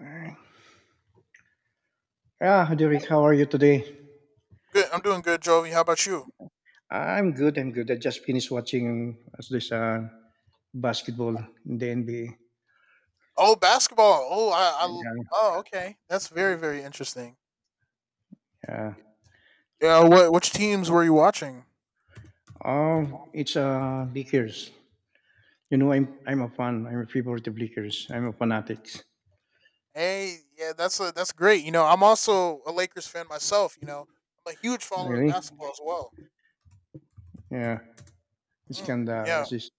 Alright. Yeah, Derek, how are you today? Good. I'm doing good, Jovi. How about you? I'm good. I'm good. I just finished watching this basketball in the NBA. Oh, basketball. Oh, Yeah. I oh, okay. That's very interesting. Yeah. Yeah, what which teams were you watching? Oh, it's Lakers. Mm, I'm a fan. I'm a favorite of Lakers. I'm a fanatic. hey, yeah, that's great. You know, I'm also a Lakers fan myself, you know. I'm a huge follower of Really? basketball as well. Yeah. It's Mm, kind of, yeah. it's just,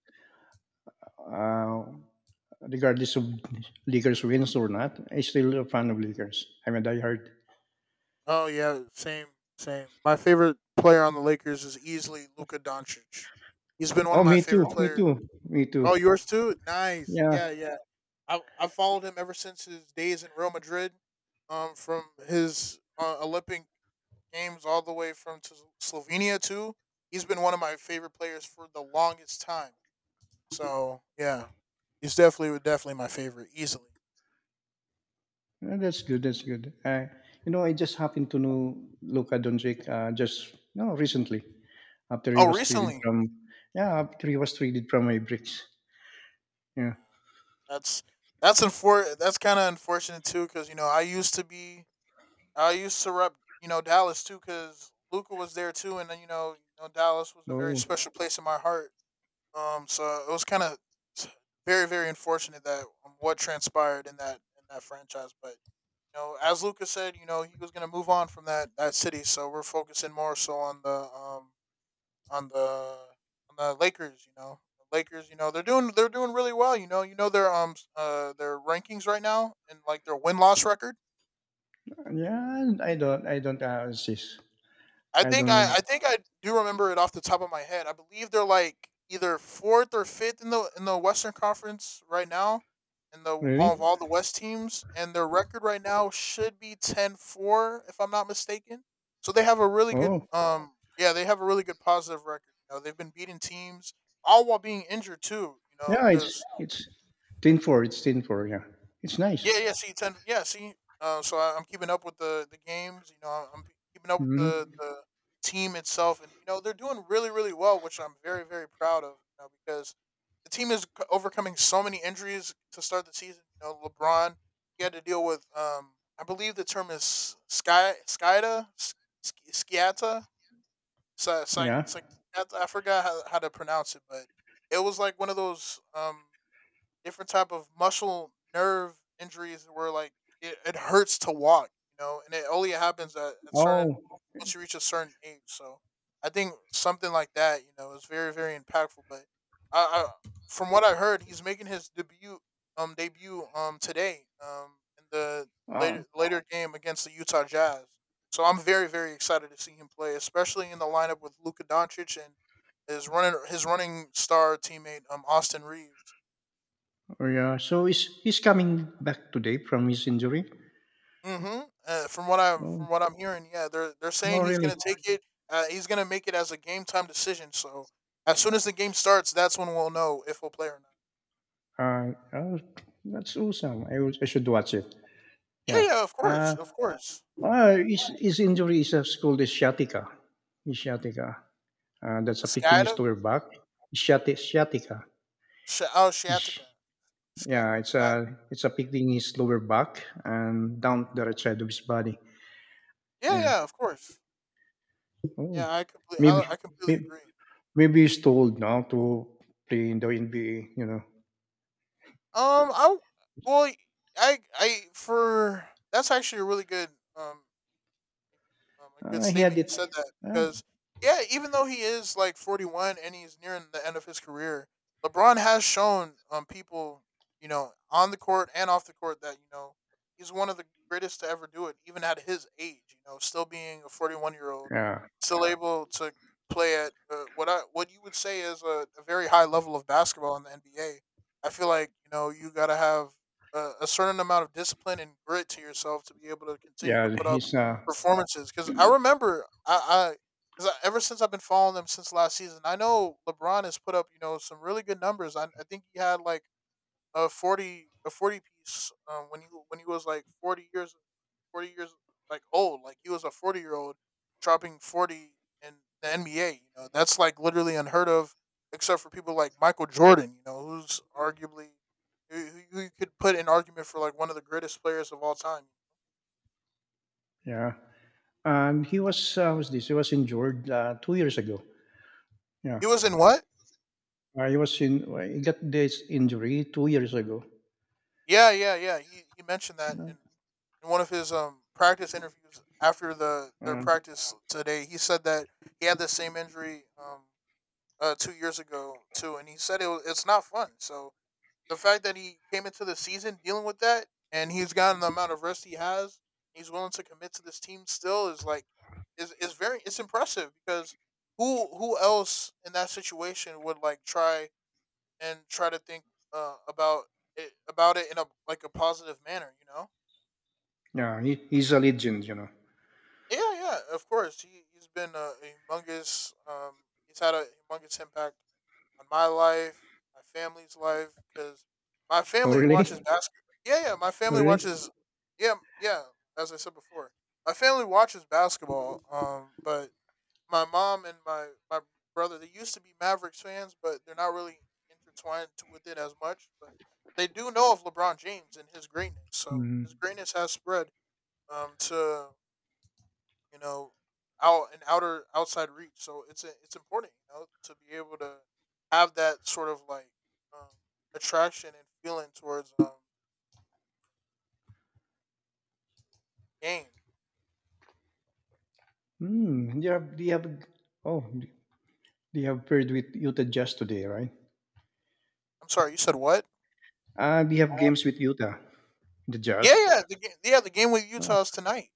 uh, regardless of Lakers wins or not, I'm still a fan of Lakers. I'm a diehard. Oh yeah, same. My favorite player on the Lakers is easily Luka Doncic. He's been one Oh, of my me too. favorite Me player. too. Me too. Oh, yours too? Nice. Yeah. Yeah, yeah. I followed him ever since his days in Real Madrid, from his Olympic games all the way from to Slovenia too. He's been one of my favorite players for the longest time. So yeah, he's definitely my favorite easily. That's good, that's good. I just happened to know Luka Doncic, just recently, after he Oh, was traded recently, from. Yeah, after he was traded from my bricks. yeah. Yeah. That's that's kind of unfortunate too, because you know I used to be I used to rep you know Dallas too, because Luca was there too, and then you know Dallas was a very Oh special place in my heart. So it was kind of very unfortunate that what transpired in that franchise, but. You know, as Luca said, you know he was going to move on from that city, so we're focusing more so on the on the on the Lakers. You know, the Lakers. You know, they're doing really well. You know their their rankings right now and like their win loss record. yeah. I don't insist. I I think I don't I think I do remember it off the top of my head. I believe they're like either fourth or fifth in the Western Conference right now, in the of really. all the West teams, and their record right now should be 10-4 if I'm not mistaken. So they have a really good Oh they have a really good positive record. You know they've been beating teams all while being injured too. You know yeah. It's because it's 10-4. It's 10-4. Yeah. It's nice. yeah, yeah. See, ten. Yeah, see. So I'm keeping up with the games. You know, I'm keeping up with Hmm. the team itself, and you know they're doing really well, which I'm very proud of. You know, because the team is overcoming so many injuries to start the season. You know, LeBron he had to deal with. I believe the term is sky skyda S- S- sciata. Sci- Yeah. sci- I forgot how to pronounce it, but it was like one of those. Different type of muscle nerve injuries where like it hurts to walk, you know, and it only happens at certain Oh. once you reach a certain age. So I think something like that, you know, is very impactful. But I from what I heard, he's making his debut today in the later Uh, later game against the Utah Jazz. So I'm very excited to see him play, especially in the lineup with Luka Doncic and his running star teammate Austin Reeves. oh yeah. So is he's coming back today from his injury? Mhm. From Oh. what I'm hearing, yeah, they're Oh saying he's really? gonna take it. He's gonna make it as a game time decision. So as soon as the game starts, that's when we'll know if we'll play or not. Oh, that's awesome. I should watch it. Yeah, Yeah. yeah, of course, Uh, of course. his injury is called a sciatica. His that's affecting Skyda, his lower back. Sciatica. sh- oh Ish. Shiatica, Sky, Yeah, Sky. It's affecting his lower back and down the right side of his body. Yeah, Yeah. yeah, of course. Oh, Yeah, I completely, maybe I, I completely maybe, agree. maybe he's told now to play in the NBA. I w- well, I for that's actually a really good um a good He had statement you said it. that Uh, because yeah, even though he is like 41 and he's nearing the end of his career, LeBron has shown people, you know, on the court and off the court that, you know, he's one of the greatest to ever do it even at his age, you know, still being a 41-year-old, yeah, still able to play at what I what you would say is a very high level of basketball in the NBA. I feel like, you know, you got to have a certain amount of discipline and grit to yourself to be able to continue to yeah. put up He's performances because I remember I, cause I ever since I've been following them since last season. I know LeBron has put up you know some really good numbers. I think he had like a 40 piece when he was like forty years like old. Like he was a 40 year old dropping 40 in the NBA. You know that's like literally unheard of, except for people like Michael Jordan. You know who's arguably who, who you could put an argument for like one of the greatest players of all time. yeah. He was this? He was injured 2 years ago. Yeah, He was in what? He was in. Well, He got this injury 2 years ago. Yeah, yeah, yeah. He mentioned that in one of his practice interviews after the their Uh, practice today. He said that he had the same injury 2 years ago too, and he said it's not fun. So the fact that he came into the season dealing with that and he's gotten the amount of rest he has, he's willing to commit to this team still is like is very it's impressive because who else in that situation would like try and try to think about it in a like a positive manner. You know. yeah, he's a legend. Yeah, yeah, of course. He's been a humongous. He's had a humongous impact on my life, my family's life, because my Oh, family watches really? basketball. Yeah, yeah, my family Really? watches. Yeah, yeah. As I said before, my family watches basketball. But my mom and my brother they used to be Mavericks fans, but they're not really intertwined with it as much. But they do know of LeBron James and his greatness. So Mm. his greatness has spread to you know out and outer outside reach. So it's important you know to be able to have that sort of like um, attraction and feeling towards game. Mm. Do you have paired with Utah Jazz today, right? I'm sorry, you said what? We have games with Utah, the Yeah, Jazz. Yeah, the game with Uh, Utah is tonight.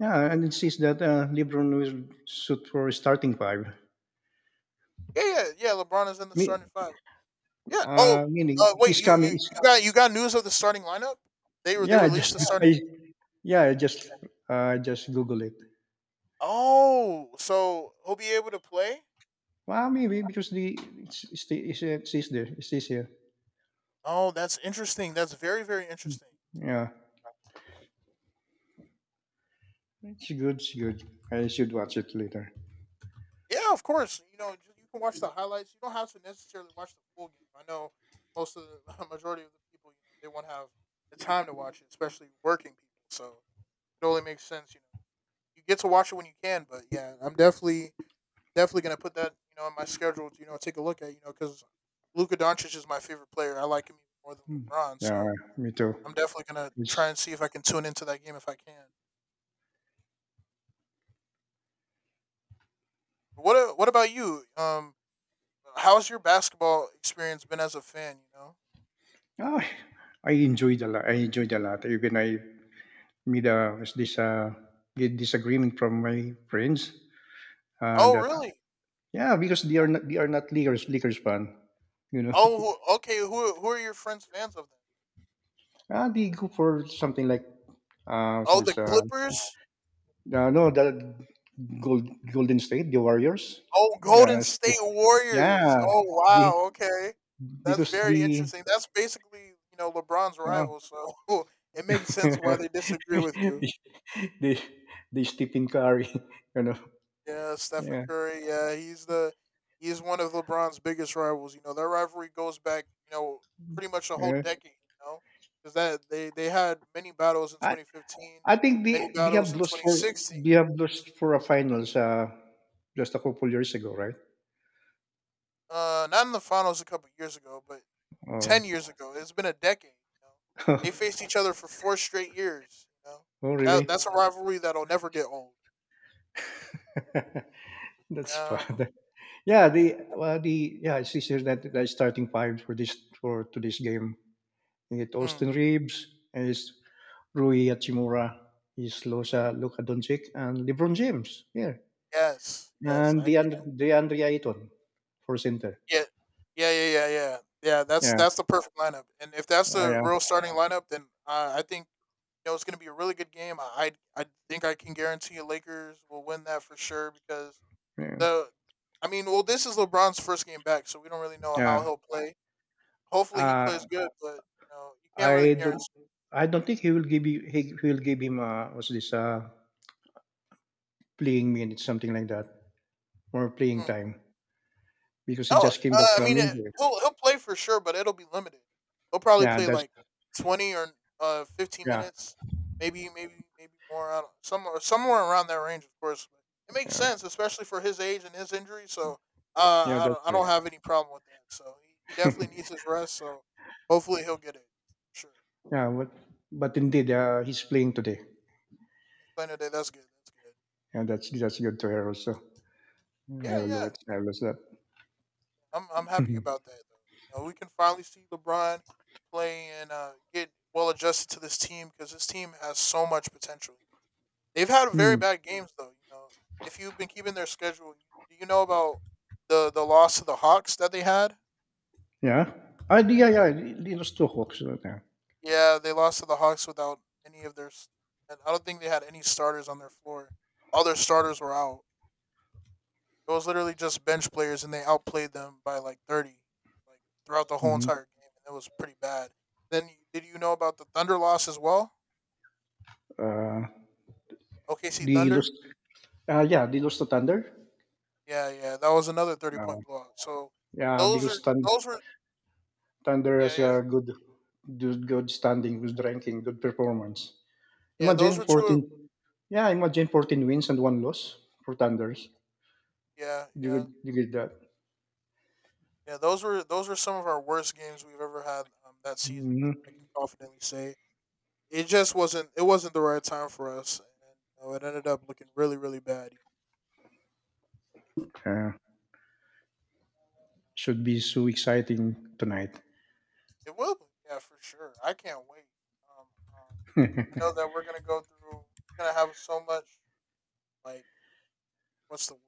yeah, and it says that LeBron will shoot for starting five. Yeah, yeah, yeah. LeBron is in the Me, starting five. Yeah. uh, Oh, meaning wait. he's You, you coming. you got you got news of the starting lineup? They Yeah, released just the yeah starting. I, yeah, just Google it. Oh, so he'll be able to play. Well, maybe because the, it's there. It's this here. Oh, that's interesting. That's very interesting. Yeah, it's good. It's good. I should watch it later. Yeah, of course. You know, you can watch the highlights. You don't have to necessarily watch the full game. I know most of the majority of the people, you know, they won't have the time to watch it, especially working people. So it only makes sense. You know, you get to watch it when you can. But yeah, I'm definitely going to put that you know in my schedule to you know take a look at you know because Luka Doncic is my favorite player. I like him even more than Hmm. LeBron, Yeah, so me too. I'm definitely going to It's, try and see if I can tune into that game if I can. What about you? How's your basketball experience been as a fan? You know? oh, I enjoyed a lot. I enjoyed a lot. Even I made a was this get disagreement from my friends, Oh, that really? yeah, because they are not Lakers fan. You know, Okay. Who are your friends fans of then? They go for something like, what's Oh, the this Clippers. No, the Golden State, the Warriors. Oh, Golden Yes, State Warriors. yeah, Oh the, wow, okay. That's because very the interesting. That's basically, you know, LeBron's yeah. rival, so it makes sense why they disagree with you. the the Stephen Curry, you know. Yeah, Stephen Yeah, Curry, yeah, he's one of LeBron's biggest rivals. You know, their rivalry goes back, you know, pretty much a whole yeah. decade, you know. Cuz that they had many battles in I 2015, I think many they battles have in lost for 2016. they have lost for a finals, just a couple years ago, right? Not in the finals a couple years ago, but Oh, 10 years ago. It's been a decade. You know? oh They faced each other for four straight years. You know that that's a really? rivalry that'll never get old. That's Yeah. bad. Yeah, the well, the yeah, it's easier that the starting five for this for today's game. You get Mm. Austin Reeves, and it's Rui Hachimura, is Hmm. Losa Luka Doncic, and LeBron James. Yeah, Yes. Yes. and I can. DeAndre Ayton for center. Yeah. Yeah. Yeah. Yeah. Yeah. Yeah. Yeah, That's the perfect lineup. And if that's the yeah, real starting lineup, then I think you know it's going to be a really good game. I think I can guarantee you Lakers will win that for sure because yeah, the. I mean, well, this is LeBron's first game back, so we don't really know how yeah. he'll play. Hopefully, he Uh, plays good, but you know you can't really I don't, guarantee. I don't think he will give you. He will give him, what's this? Playing minutes, something like that, or playing Mm. time, because he Oh, just came back uh, I from mean, it, injury. he'll he'll play for sure, but it'll be limited. He'll probably Yeah, play that's like 20 or fifteen yeah, minutes, maybe more. I don't, somewhere around that range, of course. But it makes yeah, sense, especially for his age and his injury. So uh, yeah, I that's don't I right. don't have any problem with that. So he definitely needs his rest. So hopefully he'll get it. Sure, Yeah, but indeed, he's playing today, he's playing today. That's good. That's good. and that's good to hear also. Hij Yeah, wil yeah. wat zelfs dat. I'm happy about that though. You know, we can finally see LeBron play and get well adjusted to this team because this team has so much potential. They've had very Hmm. bad games though. You know, if you've been keeping their schedule, do you know about the loss to the Hawks that they had? Ja? Ah, die, ja, ja, die, die lost toch ook zo. Ja. Yeah, they lost to the Hawks without any of And I don't think they had any starters on their floor. All their starters were out. It was literally just bench players, and they outplayed them by like 30, like throughout the whole Mhm. entire game, and it was pretty bad. Then did you know about the Thunder loss as well? Uh, OKC die Thunder. lost, yeah, die lost to Thunder. Yeah, yeah, that was another thirty Uh, point blowout. So yeah, those are because those were Thunder yeah has yeah a good, good standing, good ranking, good performance. yeah those Imagine were two of- 14, yeah, imagine 14 wins and one loss for Thunders. yeah You yeah could, you get that. yeah those were some of our worst games we've ever had that season. Hmm. I can confidently say it just wasn't the right time for us, and it ended up looking really really bad. Yeah, should be so exciting tonight. It will be, yeah, for sure. I can't wait. Um, I know that we're gonna go through. We're gonna have so much like what's the word?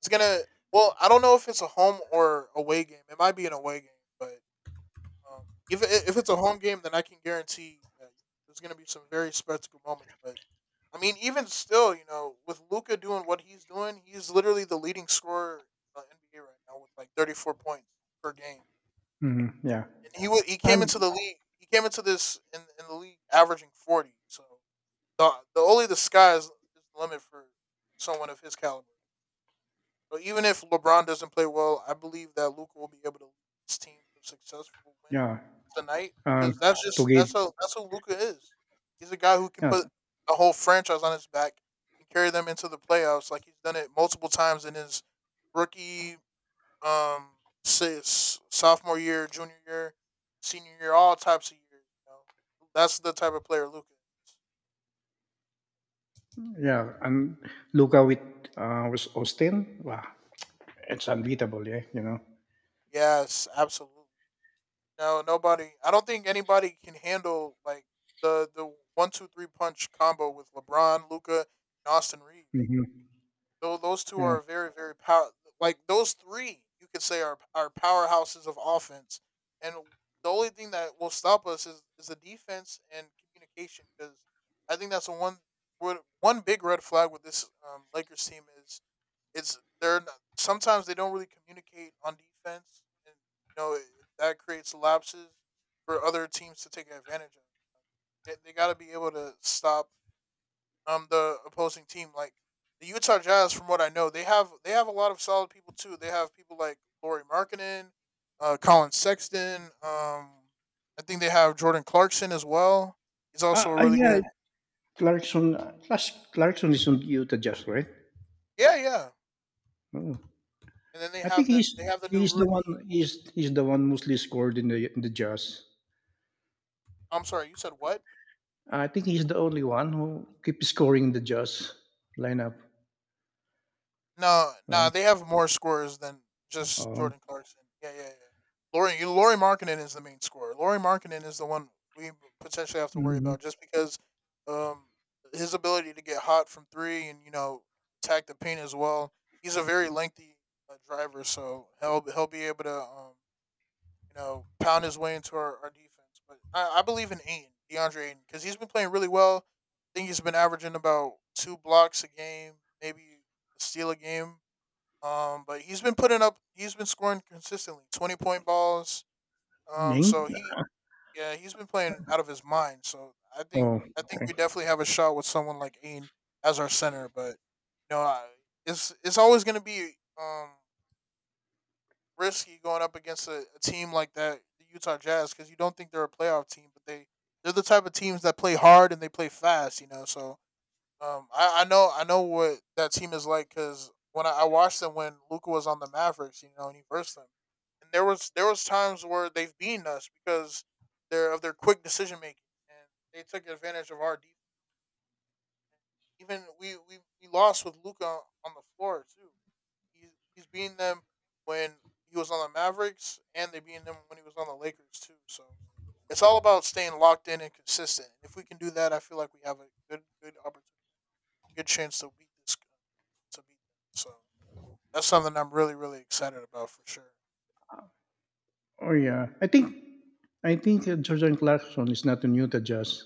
It's gonna. Well, I don't know if it's a home or away game. It might be an away game, but um, if it's a home game, then I can guarantee that there's gonna be some very spectacle moments. But I mean, even still, you know, with Luca doing what he's doing, he's literally the leading scorer in the NBA right now with like 34 points per game Mhm, yeah. and he came And, into the league. He came into this in the league averaging 40. So the sky is the limit for someone of his caliber. So even if LeBron doesn't play well, I believe that Luca will be able to lead this team to a successful win yeah, tonight and because that's just together. that's how that's who Luca is. He's a guy who can Yeah, put a whole franchise on his back and carry them into the playoffs like he's done it multiple times in his rookie um sophomore year, junior year, senior year, all types of years. You know, that's the type of player Luca. Is. yeah, and Luca with Austin, wow, it's unbeatable, yeah. Yes, absolutely. No, nobody. I don't think anybody can handle like the 1 2 3 punch combo with LeBron, Luca, and Austin Reeves. Hmm. Those 2 Yeah, are very, very power like, those 3 you could say are powerhouses of offense, and the only thing that will stop us is the defense and communication. Because I think that's the one big red flag with this, Lakers team is they're not sometimes they don't really communicate on defense, and, you know, it, that creates lapses for other teams to take advantage of. They gotta be able to stop the opposing team. Like the Utah Jazz, from what I know, they have a lot of solid people too. They have people like Laurie Markkinen, Colin Sexton. I think they have Jordan Clarkson as well. He's also a really yeah, good. Clarkson, Clarkson is on Utah Jazz, right? Yeah, yeah. Oh. And then they I have think the they have the new rookie. He's the one mostly scored in the Jazz. I'm sorry, you said what? I think he's the only one who keeps scoring the Jazz lineup. No, no, Oh. they have more scorers than just oh. Jordan Clarkson. Yeah, yeah, yeah. Lori Markkinen is the main scorer. Lori Markkinen is the one we potentially have to worry Mhm. about just because um, his ability to get hot from three and you know attack the paint as well. He's a very lengthy driver, so he'll be able to you know pound his way into our defense. But I believe in DeAndre Aiden, because he's been playing really well. I think he's been averaging about 2 blocks a game, maybe a steal a game but he's been putting up. He's been scoring consistently, 20 point balls. Ming? So yeah, he's been playing out of his mind. So I think, Oh, I think we okay. definitely have a shot with someone like Ain as our center. But you know, it's always going to be um risky going up against a team like that, the Utah Jazz, because you don't think they're a playoff team, but they they're the type of teams that play hard and they play fast. You know, so I know what that team is like because when I watched them when Luca was on the Mavericks, you know, and he versed them, and there was times where they've beaten us because they're of their quick decision making and they took advantage of our defense. Even we lost with Luca on the floor too. He's beating them when he was on the Mavericks, and they beating them when he was on the Lakers too. So it's all about staying locked in and consistent. If we can do that, I feel like we have a good chance to beat this to beat them. So that's something I'm really really excited about for sure. Oh yeah. I think Jordan Clarkson is not in Utah Jazz.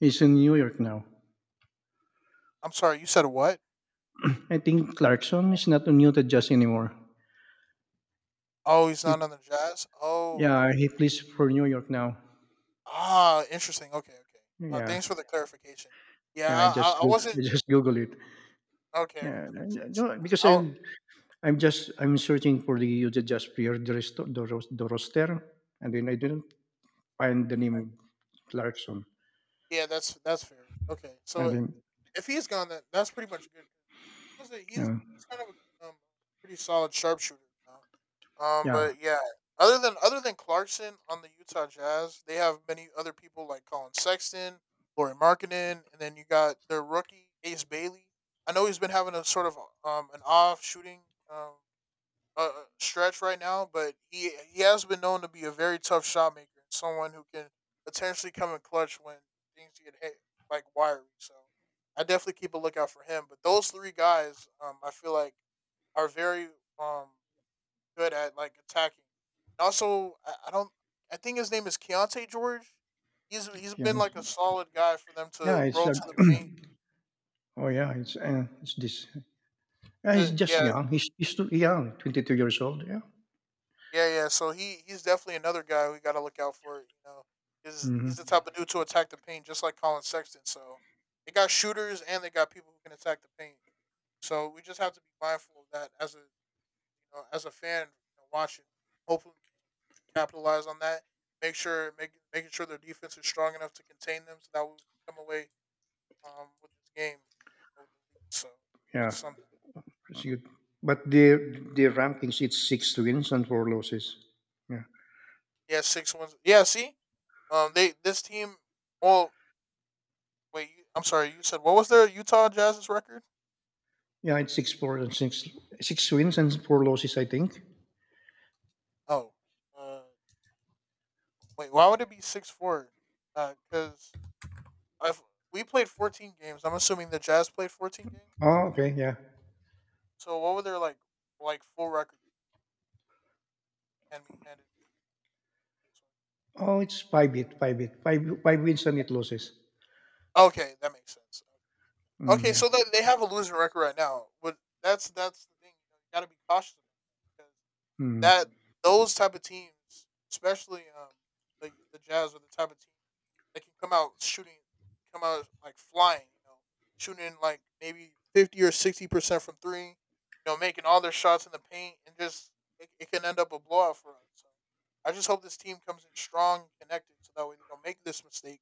He's in New York now. I'm sorry, you said what? I think Clarkson is not a muted judge anymore. Oh, he's He not on the Jazz. Oh, yeah, he plays for New York now. ah, interesting. Okay, okay. Yeah. Thanks for the clarification. Yeah, Yeah, I wasn't. I just Google it. Okay, okay, Yeah, that makes I sense. do because I, I'm searching for the Utah just player the roster, and then I didn't find the name Clarkson. yeah, that's fair. Okay, And so then if he's gone, that that's pretty much good. Was it? He's yeah, he's kind of a pretty solid sharpshooter now. Yeah, But yeah, other than Clarkson on the Utah Jazz, they have many other people like Colin Sexton, Laurie Markkinen, and then you got their rookie Ace Bailey. I know he's been having a sort of an off shooting um uh, uh, stretch right now, but he has been known to be a very tough shot maker and someone who can potentially come in clutch when things get hit, like wiry. So I definitely keep a lookout for him. But those three guys, I feel like are very um good at like attacking. And also, I don't. I think his name is Keontae George. He's yeah, been like a solid guy for them yeah, to it's roll a, to the paint. oh yeah, it's this. Yeah, he's just Yeah, young. He's too young, 22 years old. Yeah. yeah, yeah. So he's definitely another guy we got to look out for. You know, is Hmm. he's the type of dude to attack the paint just like Colin Sexton. So they got shooters and they got people who can attack the paint. So we just have to be mindful of that as a you know as a fan you know, watching. Hopefully capitalize on that. Making sure their defense is strong enough to contain them, so that we come away with this game with the lead. So Yeah. that's something. Proceed. But the rankings, it's six wins and four losses. Yeah, Yeah, six wins. Yeah, see, they this team. Well, wait, I'm sorry. You said what was their Utah Jazz's record? yeah, it's 6-4, and six wins and four losses. I think. Oh, uh, wait, why would it be 6-4? Because I've we played 14 games. I'm assuming the Jazz played 14 games. Oh, okay, yeah. So what would their like full record and be handed? Oh, it's five bit, five bit, five five wins and eight losses. Okay, that makes sense. Mm, Okay, yeah. so they have a losing record right now, but that's the thing. You got to be cautious about that Mm, that those type of teams, especially the Jazz, are the type of team that can come out shooting, come out like flying. You know, shooting like maybe 50 or 60% from three. You know, making all their shots in the paint, and just it can end up a blowout for us. So I just hope this team comes in strong and connected, so that way they don't make this mistake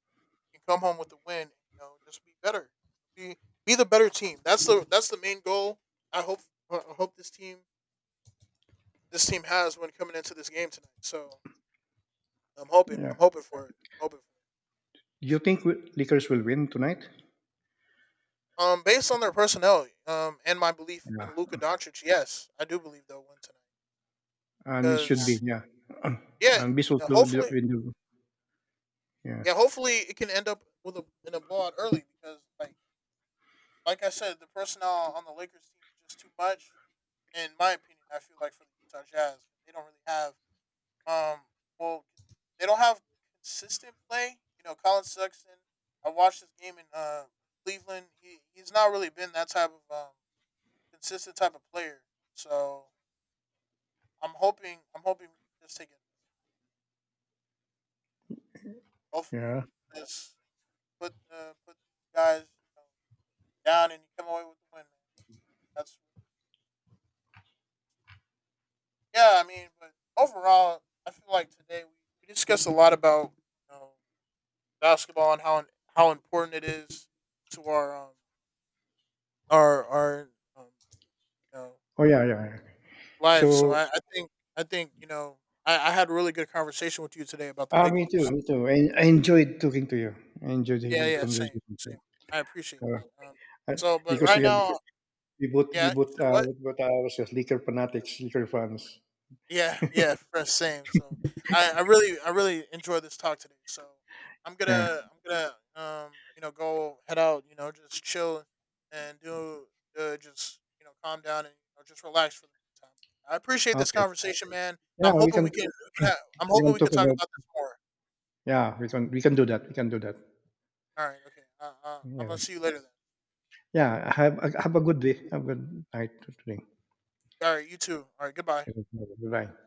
and come home with the win. And, you know, just be better, be be the better team. That's the main goal. I hope I hope this team has when coming into this game tonight. So yeah. I'm hoping for I'm hoping for it. Do you So, think Lakers will win tonight? Based on their personnel, and my belief in Yeah, Luka Doncic, yes, I do believe they'll win tonight. and it should be, Because yeah. yeah, And this yeah, also, hopefully, yeah, yeah, hopefully it can end up with a in a blowout early. Because like I said, the personnel on the Lakers team is just too much. In my opinion, I feel like for the Utah Jazz, they don't really have Um, well, they don't have consistent play. You know, Colin Sexton. I watched this game in Cleveland. He's not really been that type of consistent type of player. So I'm hoping we can just take it. Hopefully yeah. we can just put put these guys you know, down and you come away with the win, man. That's yeah. I mean, but overall, I feel like today we discussed a lot about you know, basketball and how important it is to our our um, you know Oh yeah, yeah. Yeah. life. So So I think you know I had a really good conversation with you today about the me too, Lakers. me too. I enjoyed talking to you. I enjoyed Yeah, having yeah, same, conversation with you. same. I appreciate Uh, that. Uh, So but because right now, yeah, you said what? we both are ourselves liquor fanatics, liquor fans. Yeah, yeah, fresh same. So I really enjoy this talk today. So Yeah. I'm gonna you know go head out you know just chill and do just you know calm down and you know, just relax for the meantime. I appreciate this Okay. conversation, man. Yeah, I'm hoping we can, I'm we hoping can we talk could talk about, about this more. yeah, we can do that. We can do that. All right, okay. Yeah. I'm gonna see you later then. Yeah. Have a good day. Have a good night today. All right, you too. All right, goodbye. Bye.